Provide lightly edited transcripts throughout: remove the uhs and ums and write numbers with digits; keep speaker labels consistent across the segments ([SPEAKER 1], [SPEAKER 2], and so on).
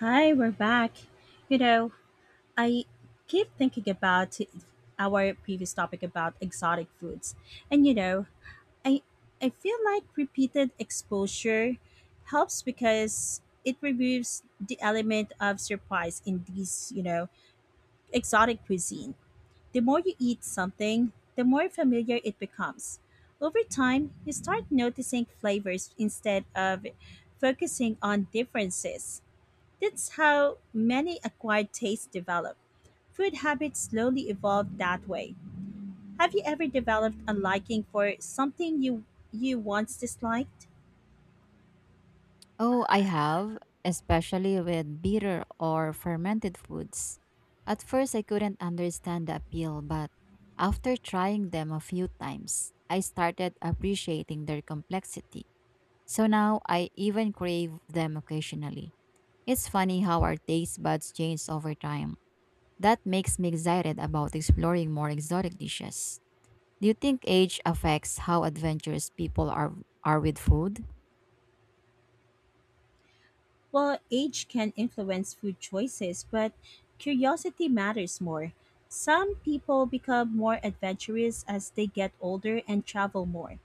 [SPEAKER 1] Hi, we're back. You know, I keep thinking about our previous topic about exotic foods. And you know, I feel like repeated exposure helps because it removes the element of surprise in these exotic cuisine. The more you eat something, the more familiar it becomes. Over time, you start noticing flavors instead of focusing on differences. That's how many acquired tastes develop. Food habits slowly evolve that way. Have you ever developed a liking for something you once disliked?
[SPEAKER 2] Oh, I have, especially with bitter or fermented foods. At first, I couldn't understand the appeal, but after trying them a few times, I started appreciating their complexity. So now I even crave them occasionally. It's funny how our taste buds change over time. That makes me excited about exploring more exotic dishes. Do you think age affects how adventurous people are with food?
[SPEAKER 1] Well, age can influence food choices, but curiosity matters more. Some people become more adventurous as they get older and travel more.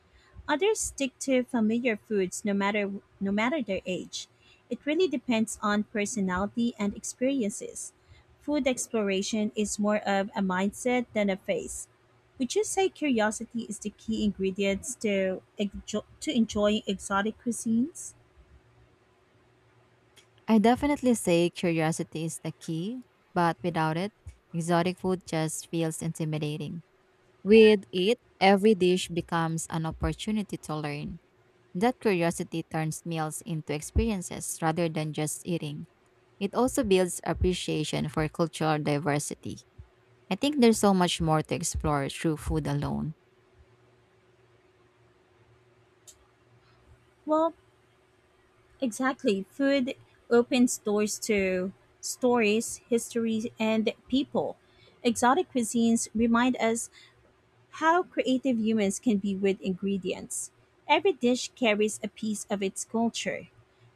[SPEAKER 1] Others stick to familiar foods no matter their age. It really depends on personality and experiences. Food exploration is more of a mindset than a phase. Would you say curiosity is the key ingredients to enjoying exotic cuisines?
[SPEAKER 2] I definitely say curiosity is the key, but without it, exotic food just feels intimidating. With it, every dish becomes an opportunity to learn. That curiosity turns meals into experiences rather than just eating. It also builds appreciation for cultural diversity. I think there's so much more to explore through food alone.
[SPEAKER 1] Well, exactly. Food opens doors to stories, history, and people. Exotic cuisines remind us how creative humans can be with ingredients. Every dish carries a piece of its culture.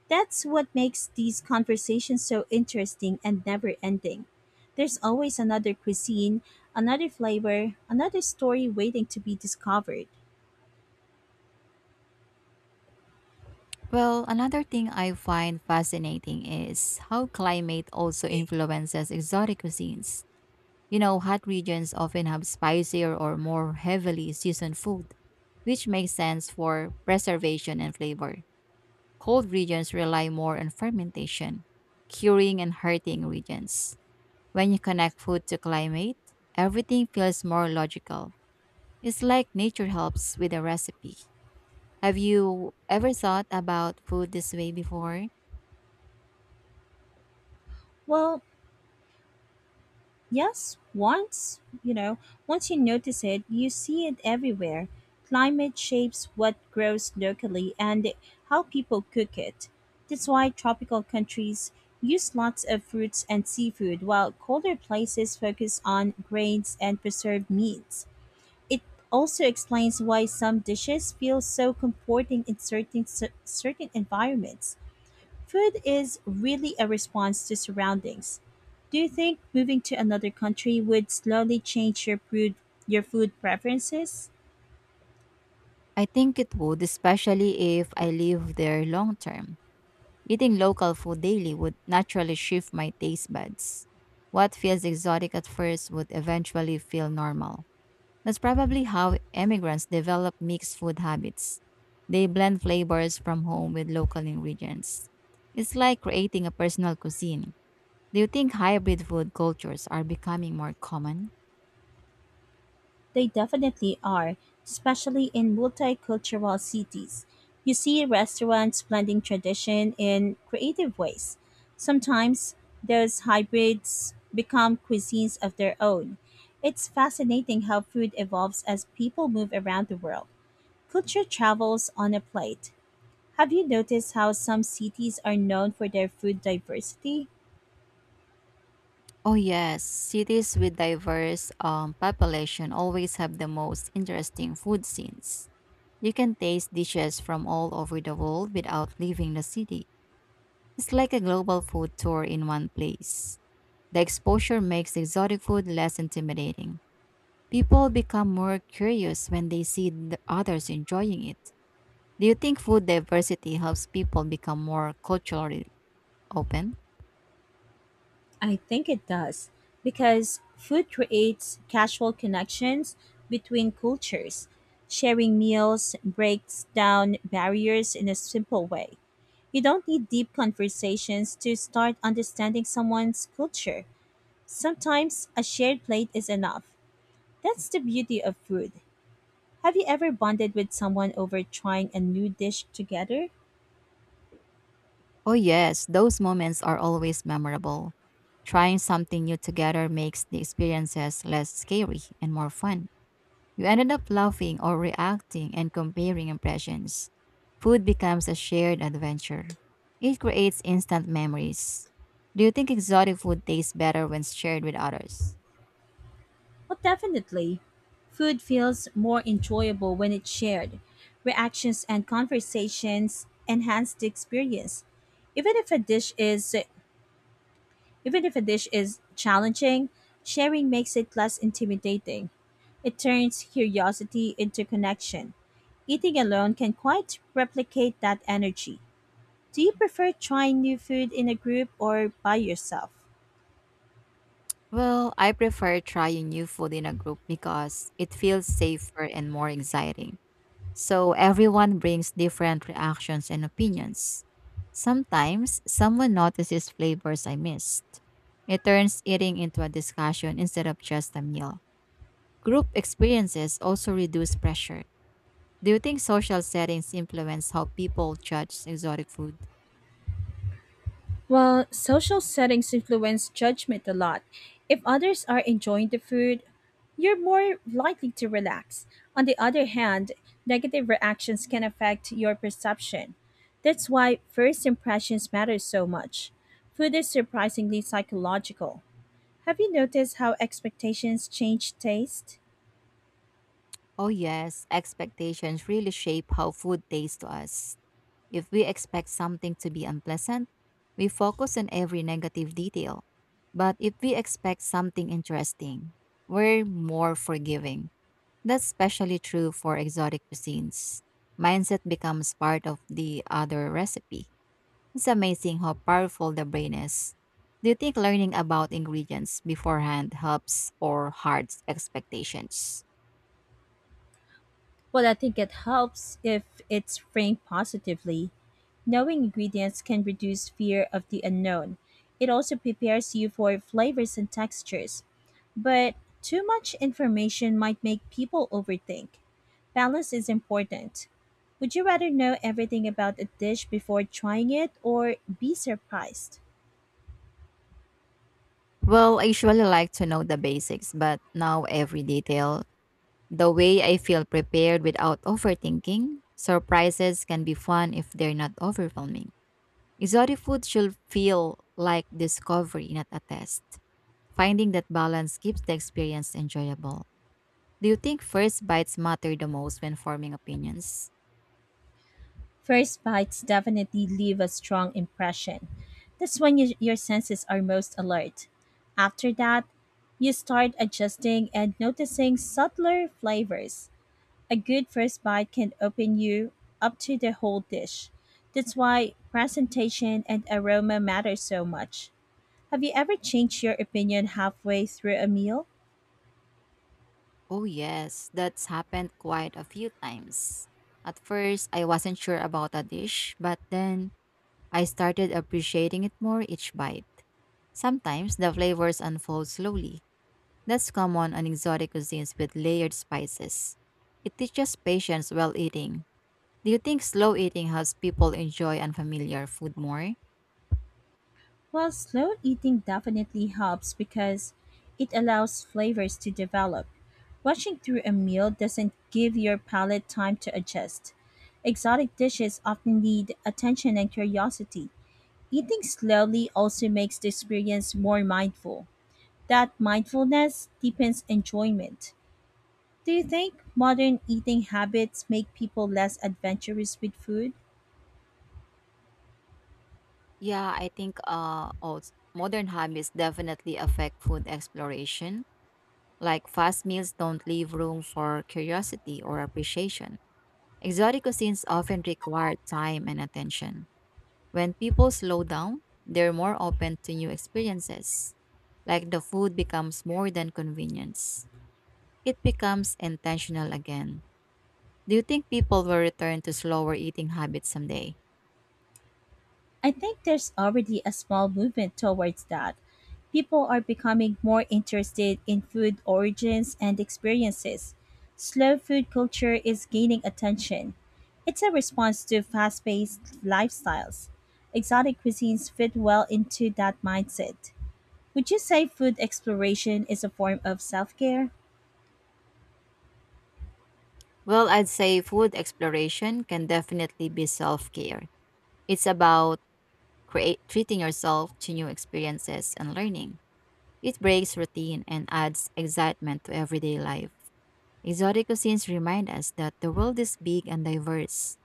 [SPEAKER 1] That's what makes these conversations so interesting and never ending. There's always another cuisine, another flavor, another story waiting to be discovered.
[SPEAKER 2] Well, another thing I find fascinating is how climate also influences exotic cuisines. You know, hot regions often have spicier or more heavily seasoned food, which makes sense for preservation and flavor. Cold regions rely more on fermentation, curing, and heating regions. When you connect food to climate, everything feels more logical. It's like nature helps with a recipe. Have you ever thought about food this way before?
[SPEAKER 1] Well, yes, once you notice it, you see it everywhere. Climate shapes what grows locally and how people cook it. That's why tropical countries use lots of fruits and seafood, while colder places focus on grains and preserved meats. It also explains why some dishes feel so comforting in certain environments. Food is really a response to surroundings. Do you think moving to another country would slowly change your food preferences?
[SPEAKER 2] I think it would, especially if I live there long term. Eating local food daily would naturally shift my taste buds. What feels exotic at first would eventually feel normal. That's probably how immigrants develop mixed food habits. They blend flavors from home with local ingredients. It's like creating a personal cuisine. Do you think hybrid food cultures are becoming more common?
[SPEAKER 1] They definitely are, especially in multicultural cities. You see restaurants blending tradition in creative ways. Sometimes those hybrids become cuisines of their own. It's fascinating how food evolves as people move around the world. Culture travels on a plate. Have you noticed how some cities are known for their food diversity?
[SPEAKER 2] Oh yes, cities with diverse population always have the most interesting food scenes. You can taste dishes from all over the world without leaving the city. It's like a global food tour in one place. The exposure makes exotic food less intimidating. People become more curious when they see the others enjoying it. Do you think food diversity helps people become more culturally open?
[SPEAKER 1] I think it does, because food creates casual connections between cultures. Sharing meals breaks down barriers in a simple way. You don't need deep conversations to start understanding someone's culture. Sometimes a shared plate is enough. That's the beauty of food. Have you ever bonded with someone over trying a new dish together?
[SPEAKER 2] Oh yes, those moments are always memorable. Trying something new together makes the experiences less scary and more fun. You ended up laughing or reacting and comparing impressions. Food becomes a shared adventure. It creates instant memories. Do you think exotic food tastes better when shared with others?
[SPEAKER 1] Well, definitely. Food feels more enjoyable when it's shared. Reactions and conversations enhance the experience. Even if a dish is Even if a dish is challenging, sharing makes it less intimidating. It turns curiosity into connection. Eating alone can quite replicate that energy. Do you prefer trying new food in a group or by yourself?
[SPEAKER 2] Well, I prefer trying new food in a group because it feels safer and more exciting. So everyone brings different reactions and opinions. Sometimes tastiest flavors I missed. It turns eating into a discussion instead of just a meal. Group experiences also reduce pressure. Do you think social settings influence how people judge exotic food?
[SPEAKER 1] Well, social settings influence judgment a lot. If others are enjoying the food, you're more likely to relax. On the other hand, negative reactions can affect your perception. That's why first impressions matter so much. Food is surprisingly psychological. Have you noticed how expectations change taste?
[SPEAKER 2] Oh, yes, expectations really shape how food tastes to us. If we expect something to be unpleasant, we focus on every negative detail. But if we expect something interesting, we're more forgiving. That's especially true for exotic cuisines. Mindset becomes part of the other recipe. It's amazing how powerful the brain is. Do you think learning about ingredients beforehand helps or hurts expectations?
[SPEAKER 1] Well, I think it helps if it's framed positively. Knowing ingredients can reduce fear of the unknown. It also prepares you for flavors and textures. But too much information might make people overthink. Balance is important. Would you rather know everything about a dish before trying it or be surprised?
[SPEAKER 2] Well, I usually like to know the basics, but now every detail, the way I feel prepared without overthinking, surprises can be fun if they're not overwhelming. Exotic food should feel like discovery, not a test. Finding that balance keeps the experience enjoyable. Do you think first bites matter the most when forming opinions?
[SPEAKER 1] First bites definitely leave a strong impression. That's when your senses are most alert. After that, you start adjusting and noticing subtler flavors. A good first bite can open you up to the whole dish. That's why presentation and aroma matter so much. Have you ever changed your opinion halfway through a meal?
[SPEAKER 2] Oh, yes, that's happened quite a few times. At first, I wasn't sure about a dish, but then I started appreciating it more each bite. Sometimes the flavors unfold slowly. That's common on exotic cuisines with layered spices. It teaches patience while eating. Do you think slow eating helps people enjoy unfamiliar food more?
[SPEAKER 1] Well, slow eating definitely helps because it allows flavors to develop. Rushing through a meal doesn't give your palate time to adjust. Exotic dishes often need attention and curiosity. Eating slowly also makes the experience more mindful. That mindfulness deepens enjoyment. Do you think modern eating habits make people less adventurous with food?
[SPEAKER 2] Yeah, I think modern habits definitely affect food exploration. Like fast meals don't leave room for curiosity or appreciation. Exotic cuisines often require time and attention. When people slow down, they're more open to new experiences. Like the food becomes more than convenience. It becomes intentional again. Do you think people will return to slower eating habits someday?
[SPEAKER 1] I think there's already a small movement towards that. People are becoming more interested in food origins and experiences. Slow food culture is gaining attention. It's a response to fast paced lifestyles. Exotic cuisines fit well into that mindset. Would you say food exploration is a form of self care?
[SPEAKER 2] Well, I'd say food exploration can definitely be self care. It's about treating yourself to new experiences and learning. It breaks routine and adds excitement to everyday life. Exotic cuisines remind us that the world is big and diverse.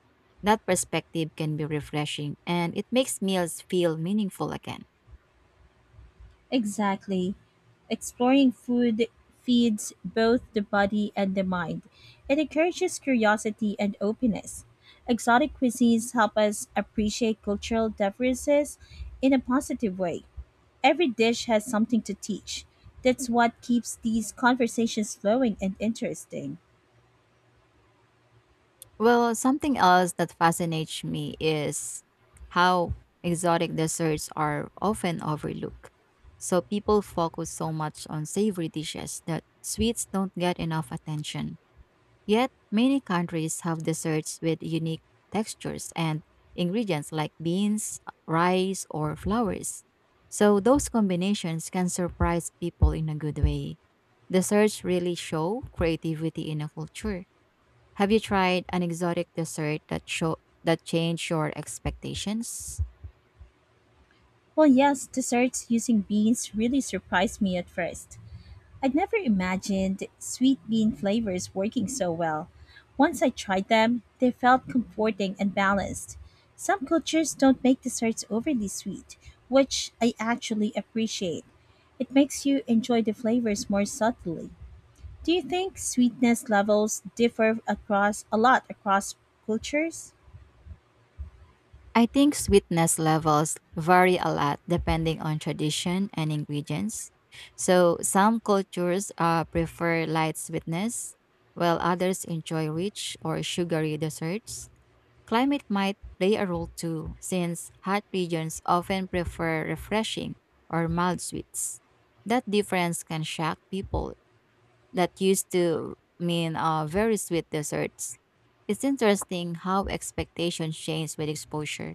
[SPEAKER 2] That perspective can be refreshing and it makes meals feel meaningful again.
[SPEAKER 1] Exactly. Exploring food feeds both the body and the mind. It encourages curiosity and openness. Exotic cuisines help us appreciate cultural differences in a positive way. Every dish has something to teach. That's what keeps these conversations flowing and interesting.
[SPEAKER 2] Well, something else that fascinates me is how exotic desserts are often overlooked. So people focus so much on savory dishes that sweets don't get enough attention. Yet, many countries have desserts with unique textures and ingredients like beans, rice, or flowers. So, those combinations can surprise people in a good way. Desserts really show creativity in a culture. Have you tried an exotic dessert that show that changed your expectations?
[SPEAKER 1] Well, yes, desserts using beans really surprised me at first. I'd never imagined sweet bean flavors working so well. Once I tried them, they felt comforting and balanced. Some cultures don't make desserts overly sweet, which I actually appreciate. It makes you enjoy the flavors more subtly. Do you think sweetness levels differ across a lot across cultures?
[SPEAKER 2] I think sweetness levels vary a lot depending on tradition and ingredients. So, some cultures prefer light sweetness, while others enjoy rich or sugary desserts. Climate might play a role too, since hot regions often prefer refreshing or mild sweets. That difference can shock people that used to mean very sweet desserts. It's interesting how expectations change with exposure.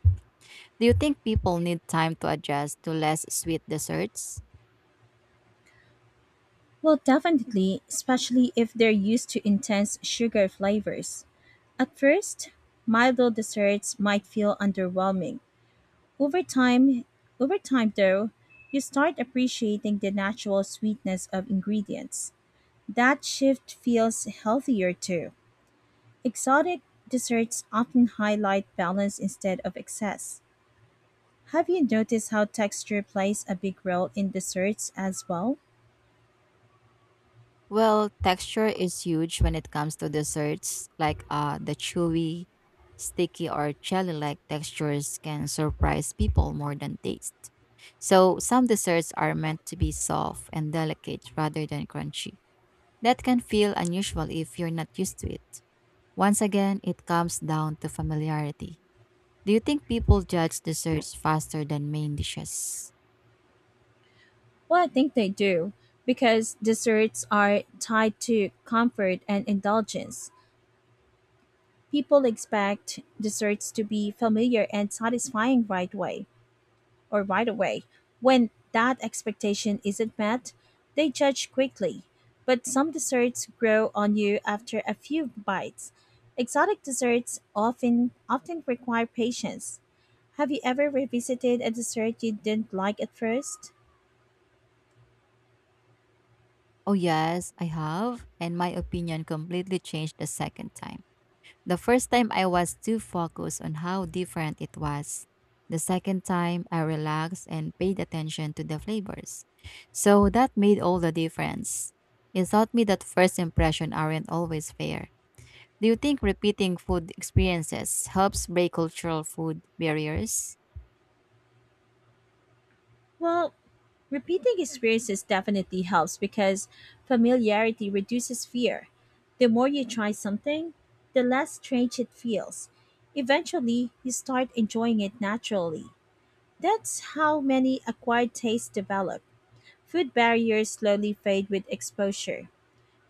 [SPEAKER 2] Do you think people need time to adjust to less sweet desserts?
[SPEAKER 1] Well, definitely, especially if they're used to intense sugar flavors. At first, milder desserts might feel underwhelming. Over time, Over time though, you start appreciating the natural sweetness of ingredients. That shift feels healthier too. Exotic desserts often highlight balance instead of excess. Have you noticed how texture plays a big role in desserts as well?
[SPEAKER 2] Well, texture is huge when it comes to desserts, like the chewy, sticky, or jelly like textures can surprise people more than taste. So, some desserts are meant to be soft and delicate rather than crunchy. That can feel unusual if you're not used to it. Once again, it comes down to familiarity. Do you think people judge desserts faster than main dishes?
[SPEAKER 1] Well, I think they do, because desserts are tied to comfort and indulgence. People expect desserts to be familiar and satisfying right away or right away. When that expectation isn't met, they judge quickly. But some desserts grow on you after a few bites. Exotic desserts often require patience. Have you ever revisited a dessert you didn't like at first?
[SPEAKER 2] Oh, yes, I have. And my opinion completely changed the second time. The first time, I was too focused on how different it was. The second time, I relaxed and paid attention to the flavors. So that made all the difference. It taught me that first impressions aren't always fair. Do you think repeating food experiences helps break cultural food barriers?
[SPEAKER 1] Well, repeating experiences definitely helps because familiarity reduces fear. The more you try something, the less strange it feels. Eventually, you start enjoying it naturally. That's how many acquired tastes develop. Food barriers slowly fade with exposure.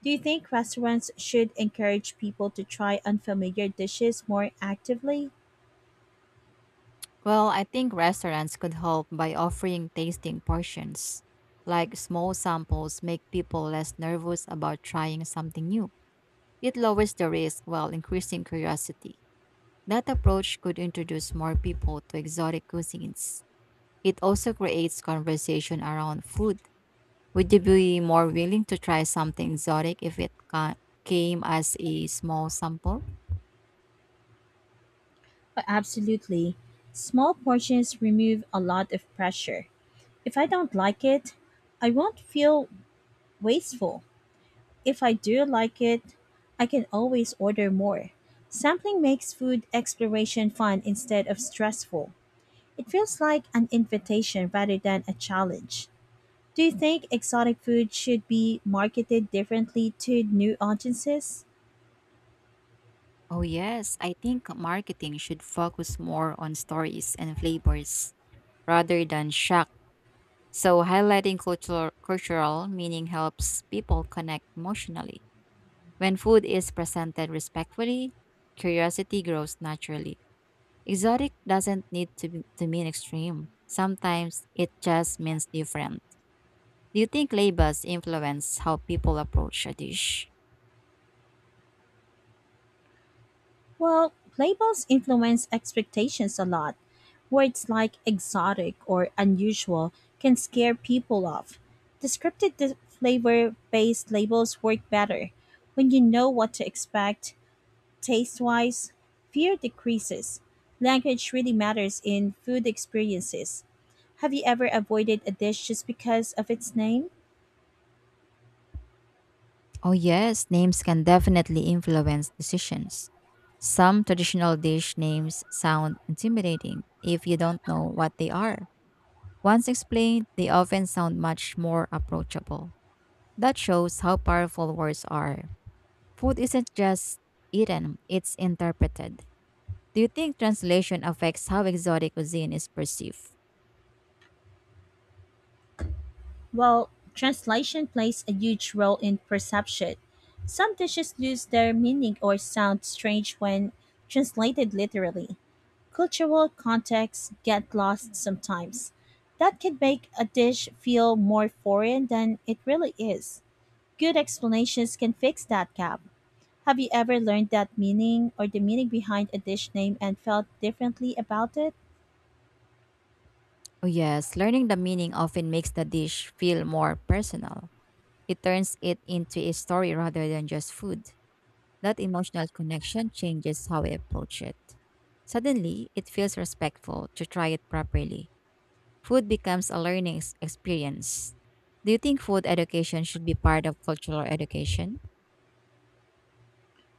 [SPEAKER 1] Do you think restaurants should encourage people to try unfamiliar dishes more actively?
[SPEAKER 2] Well, I think restaurants could help by offering tasting portions. Like small samples make people less nervous about trying something new. It lowers the risk while increasing curiosity. That approach could introduce more people to exotic cuisines. It also creates conversation around food. Would you be more willing to try something exotic if came as a small sample?
[SPEAKER 1] Absolutely. Small portions remove a lot of pressure. If I don't like it, I won't feel wasteful. If I do like it, I can always order more. Sampling makes food exploration fun instead of stressful. It feels like an invitation rather than a challenge. Do you think exotic food should be marketed differently to new audiences?
[SPEAKER 2] Oh, yes, I think marketing should focus more on stories and flavors rather than shock. So highlighting cultural meaning helps people connect emotionally. When food is presented respectfully, curiosity grows naturally. Exotic doesn't need to mean extreme. Sometimes it just means different. Do you think labels influence how people approach a dish?
[SPEAKER 1] Well, labels influence expectations a lot. Words like exotic or unusual can scare people off. Descriptive flavor based labels work better. When you know what to expect, taste wise, fear decreases. Language really matters in food experiences. Have you ever avoided a dish just because of its name?
[SPEAKER 2] Oh yes, names can definitely influence decisions. Some traditional dish names sound intimidating if you don't know what they are. Once explained, they often sound much more approachable. That shows how powerful words are. Food isn't just eaten, it's interpreted. Do you think translation affects how exotic cuisine is perceived?
[SPEAKER 1] Well, translation plays a huge role in perception. Some dishes lose their meaning or sound strange when translated literally. Cultural contexts get lost sometimes. That can make a dish feel more foreign than it really is. Good explanations can fix that gap. Have you ever learned that meaning or the meaning behind a dish name and felt differently about it?
[SPEAKER 2] Oh, yes, learning the meaning often makes the dish feel more personal. It turns it into a story rather than just food. That emotional connection changes how we approach it. Suddenly, it feels respectful to try it properly. Food becomes a learning experience. Do you think food education should be part of cultural education?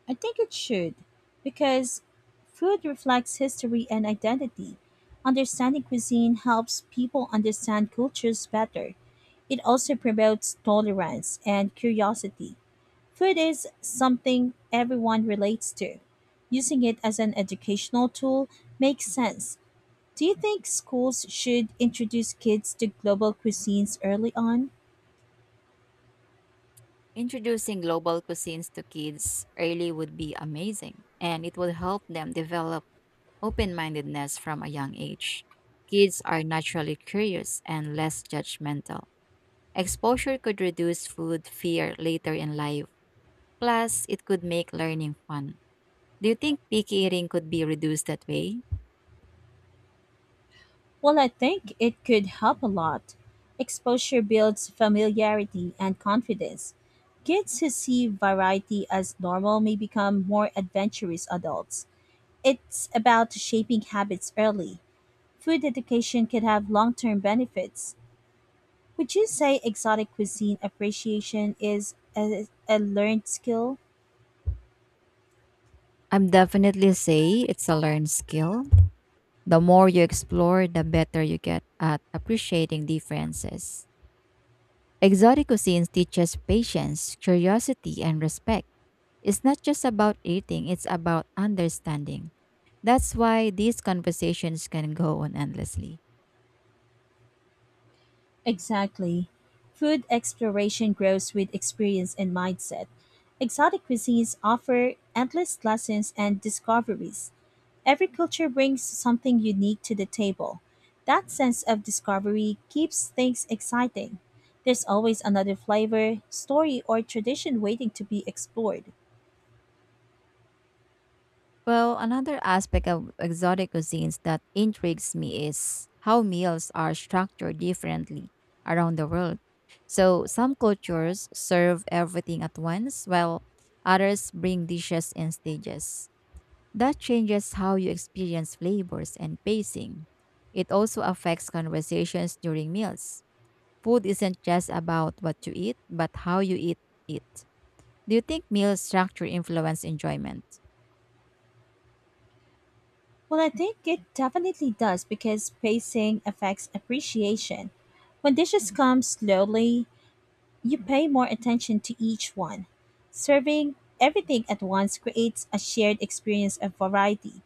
[SPEAKER 1] I think it should, because food reflects history and identity. Understanding cuisine helps people understand cultures better. It also promotes tolerance and curiosity. Food is something everyone relates to. Using it as an educational tool makes sense. Do you think schools should introduce kids to global cuisines early on?
[SPEAKER 2] Introducing global cuisines to kids early would be amazing, and it would help them develop open mindedness from a young age. Kids are naturally curious and less judgmental. Exposure could reduce food fear later in life. Plus, it could make learning fun. Do you think picky eating could be reduced that way?
[SPEAKER 1] Well, I think it could help a lot. Exposure builds familiarity and confidence. Kids who see variety as normal may become more adventurous adults. It's about shaping habits early. Food education could have long term benefits. Would you say exotic cuisine appreciation is a learned skill?
[SPEAKER 2] I'm definitely say it's a learned skill. The more you explore, the better you get at appreciating differences. Exotic cuisines teaches patience, curiosity, and respect. It's not just about eating, it's about understanding. That's why these conversations can go on endlessly.
[SPEAKER 1] Exactly. Food exploration grows with experience and mindset. Exotic cuisines offer endless lessons and discoveries. Every culture brings something unique to the table. That sense of discovery keeps things exciting. There's always another flavor, story, or tradition waiting to be explored.
[SPEAKER 2] Well, another aspect of exotic cuisines that intrigues me is how meals are structured differently around the world. So, some cultures serve everything at once, while others bring dishes in stages. That changes how you experience flavors and pacing. It also affects conversations during meals. Food isn't just about what you eat, but how you eat it. Do you think meal structure influence enjoyment?
[SPEAKER 1] Well, I think it definitely does because pacing affects appreciation. When dishes come slowly, you pay more attention to each one. Serving everything at once creates a shared experience of variety.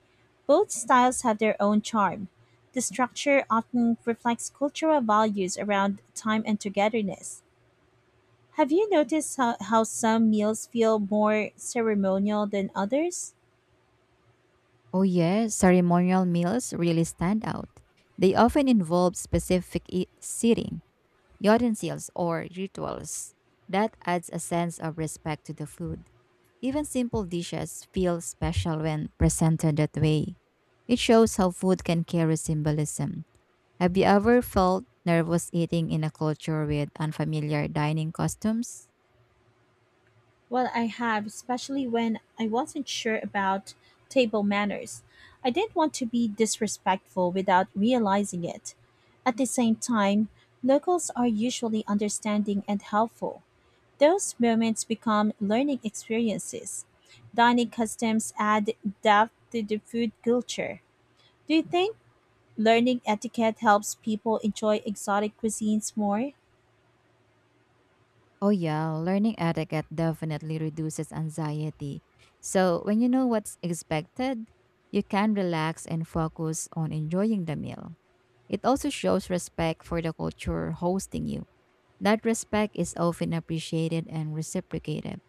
[SPEAKER 1] Both styles have their own charm. The structure often reflects cultural values around time and togetherness. Have you noticed how some meals feel more ceremonial than others?
[SPEAKER 2] Oh, yes, ceremonial meals really stand out. They often involve specific seating, utensils, or rituals. That adds a sense of respect to the food. Even simple dishes feel special when presented that way. It shows how food can carry symbolism. Have you ever felt nervous eating in a culture with unfamiliar dining costumes?
[SPEAKER 1] Well, I have, especially when I wasn't sure about table manners. I didn't want to be disrespectful without realizing it. At the same time, locals are usually understanding and helpful. Those moments become learning experiences. Dining customs add depth to the food culture. Do you think learning etiquette helps people enjoy exotic cuisines more?
[SPEAKER 2] Oh, yeah, learning etiquette definitely reduces anxiety. So, when you know what's expected, you can relax and focus on enjoying the meal. It also shows respect for the culture hosting you. That respect is often appreciated and reciprocated.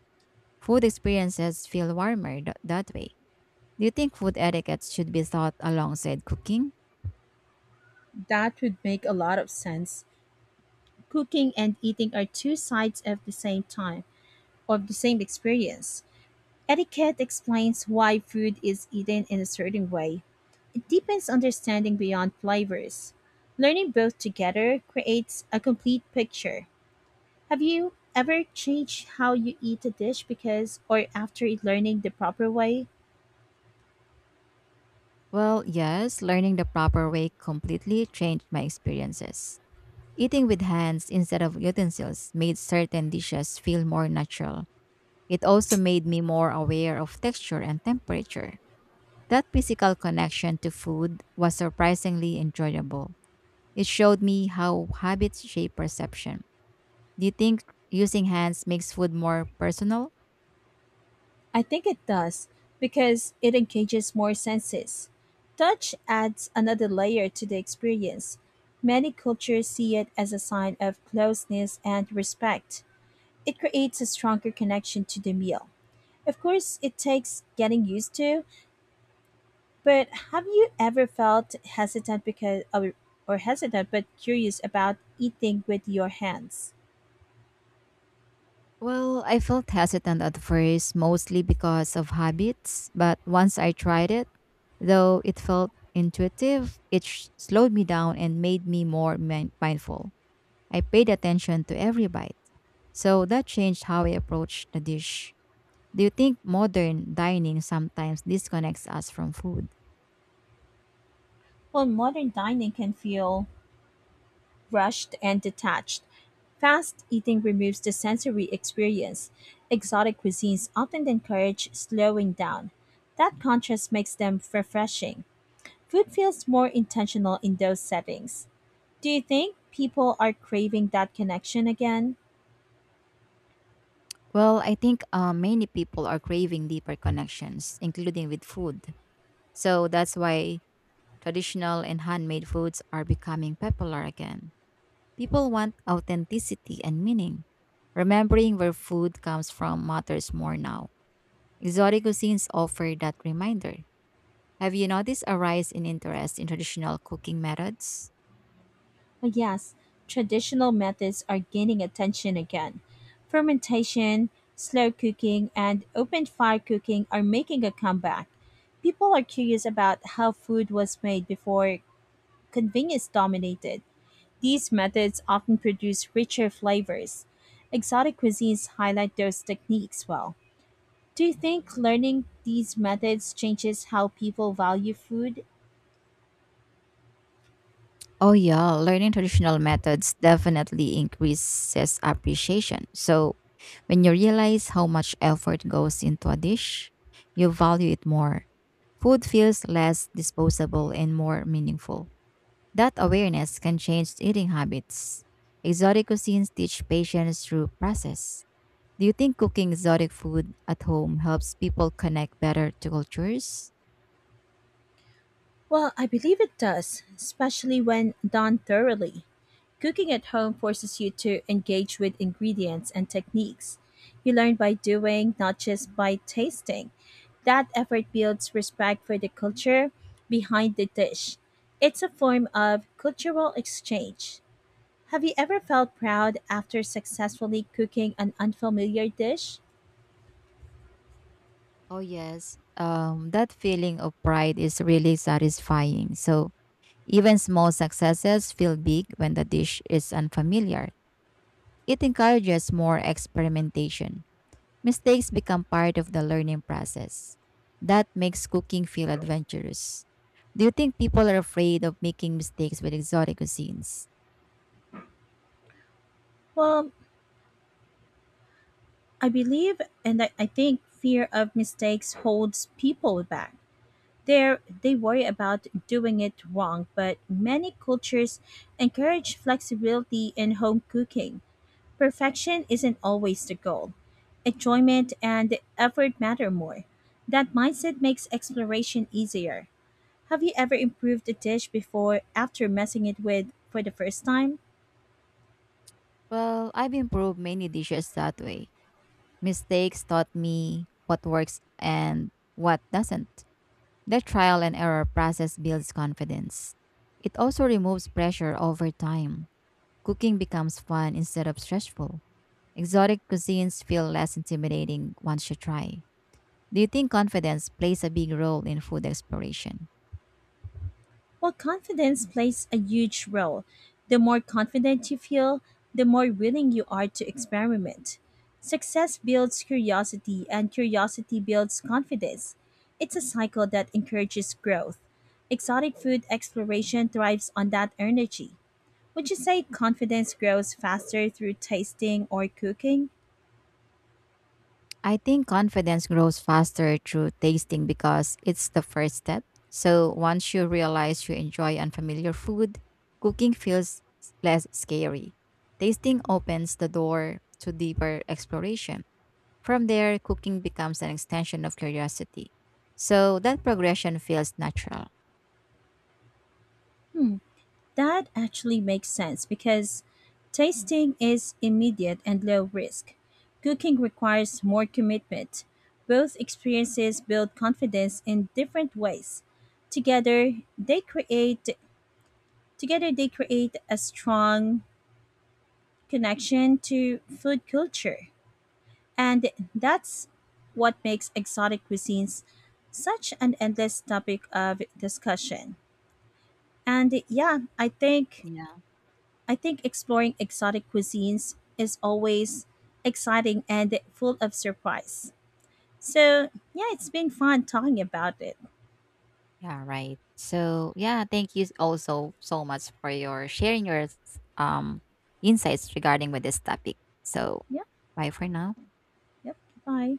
[SPEAKER 2] Food experiences feel warmer that way. Do you think food etiquette should be taught alongside cooking?
[SPEAKER 1] That would make a lot of sense. Cooking and eating are two sides of of the same experience. Etiquette explains why food is eaten in a certain way. It deepens understanding beyond flavors. Learning both together creates a complete picture. Have you ever changed how you eat a dish because or after learning the proper way?
[SPEAKER 2] Well, yes, learning the proper way completely changed my experiences. Eating with hands instead of utensils made certain dishes feel more natural. It also made me more aware of texture and temperature. That physical connection to food was surprisingly enjoyable. It showed me how habits shape perception. Do you think using hands makes food more personal?
[SPEAKER 1] I think it does because it engages more senses. Touch adds another layer to the experience. Many cultures see it as a sign of closeness and respect. It creates a stronger connection to the meal. Of course, it takes getting used to, but have you ever felt hesitant because or hesitant but curious about eating with your hands?
[SPEAKER 2] Well, I felt hesitant at first, mostly because of habits, but once I tried it, though it felt intuitive, it slowed me down and made me more mindful. I paid attention to every bite, so that changed how I approached the dish. Do you think modern dining sometimes disconnects us from food?
[SPEAKER 1] Well, modern dining can feel rushed and detached. Fast eating removes the sensory experience. Exotic cuisines often encourage slowing down. That contrast makes them refreshing. Food feels more intentional in those settings. Do you think people are craving that connection again?
[SPEAKER 2] Well, I think many people are craving deeper connections, including with food. So that's why traditional and handmade foods are becoming popular again. People want authenticity and meaning. Remembering where food comes from matters more now. Exotic cuisines offer that reminder. Have you noticed a rise in interest in traditional cooking methods?
[SPEAKER 1] Oh, yes, traditional methods are gaining attention again. Fermentation, slow cooking, and open fire cooking are making a comeback. People are curious about how food was made before convenience dominated. These methods often produce richer flavors. Exotic cuisines highlight those techniques well. Do you think learning these methods changes how people value food?
[SPEAKER 2] Oh yeah, learning traditional methods definitely increases appreciation. So, when you realize how much effort goes into a dish, you value it more. Food feels less disposable and more meaningful. That awareness can change eating habits. Exotic cuisines teach patience through process. Do you think cooking exotic food at home helps people connect better to cultures?
[SPEAKER 1] Well, I believe it does, especially when done thoroughly. Cooking at home forces you to engage with ingredients and techniques. You learn by doing, not just by tasting. That effort builds respect for the culture behind the dish. It's a form of cultural exchange. Have you ever felt proud after successfully cooking an unfamiliar dish?
[SPEAKER 2] Oh, yes. That feeling of pride is really satisfying. So, even small successes feel big when the dish is unfamiliar. It encourages more experimentation. Mistakes become part of the learning process. That makes cooking feel adventurous. Do you think people are afraid of making mistakes with exotic cuisines?
[SPEAKER 1] Well, I believe and I think fear of mistakes holds people back. They worry about doing it wrong, but many cultures encourage flexibility in home cooking. Perfection isn't always the goal. Enjoyment and effort matter more. That mindset makes exploration easier. Have you ever improved a dish before after messing it with for the first time?
[SPEAKER 2] Well, I've improved many dishes that way. Mistakes taught me what works and what doesn't. The trial and error process builds confidence. It also removes pressure over time. Cooking becomes fun instead of stressful. Exotic cuisines feel less intimidating once you try. Do you think confidence plays a big role in food exploration?
[SPEAKER 1] Well, confidence plays a huge role. The more confident you feel, the more willing you are to experiment. Success builds curiosity, and curiosity builds confidence. It's a cycle that encourages growth. Exotic food exploration thrives on that energy. Would you say confidence grows faster through tasting or cooking?
[SPEAKER 2] I think confidence grows faster through tasting because it's the first step. So once you realize you enjoy unfamiliar food, cooking feels less scary. Tasting opens the door to deeper exploration. From there, cooking becomes an extension of curiosity. So that progression feels natural.
[SPEAKER 1] Hmm. That actually makes sense because tasting is immediate and low risk. Cooking requires more commitment. Both experiences build confidence in different ways. Together, they create Together they create a strong connection to food culture. And that's what makes exotic cuisines such an endless topic of discussion. And yeah,
[SPEAKER 2] Yeah.
[SPEAKER 1] I think exploring exotic cuisines is always exciting and full of surprise. So, yeah, it's been fun talking about it.
[SPEAKER 2] Yeah, right. So yeah, thank you also so much for your sharing your um insights regarding with this topic. So
[SPEAKER 1] Yep,
[SPEAKER 2] bye for now.
[SPEAKER 1] yep. Bye.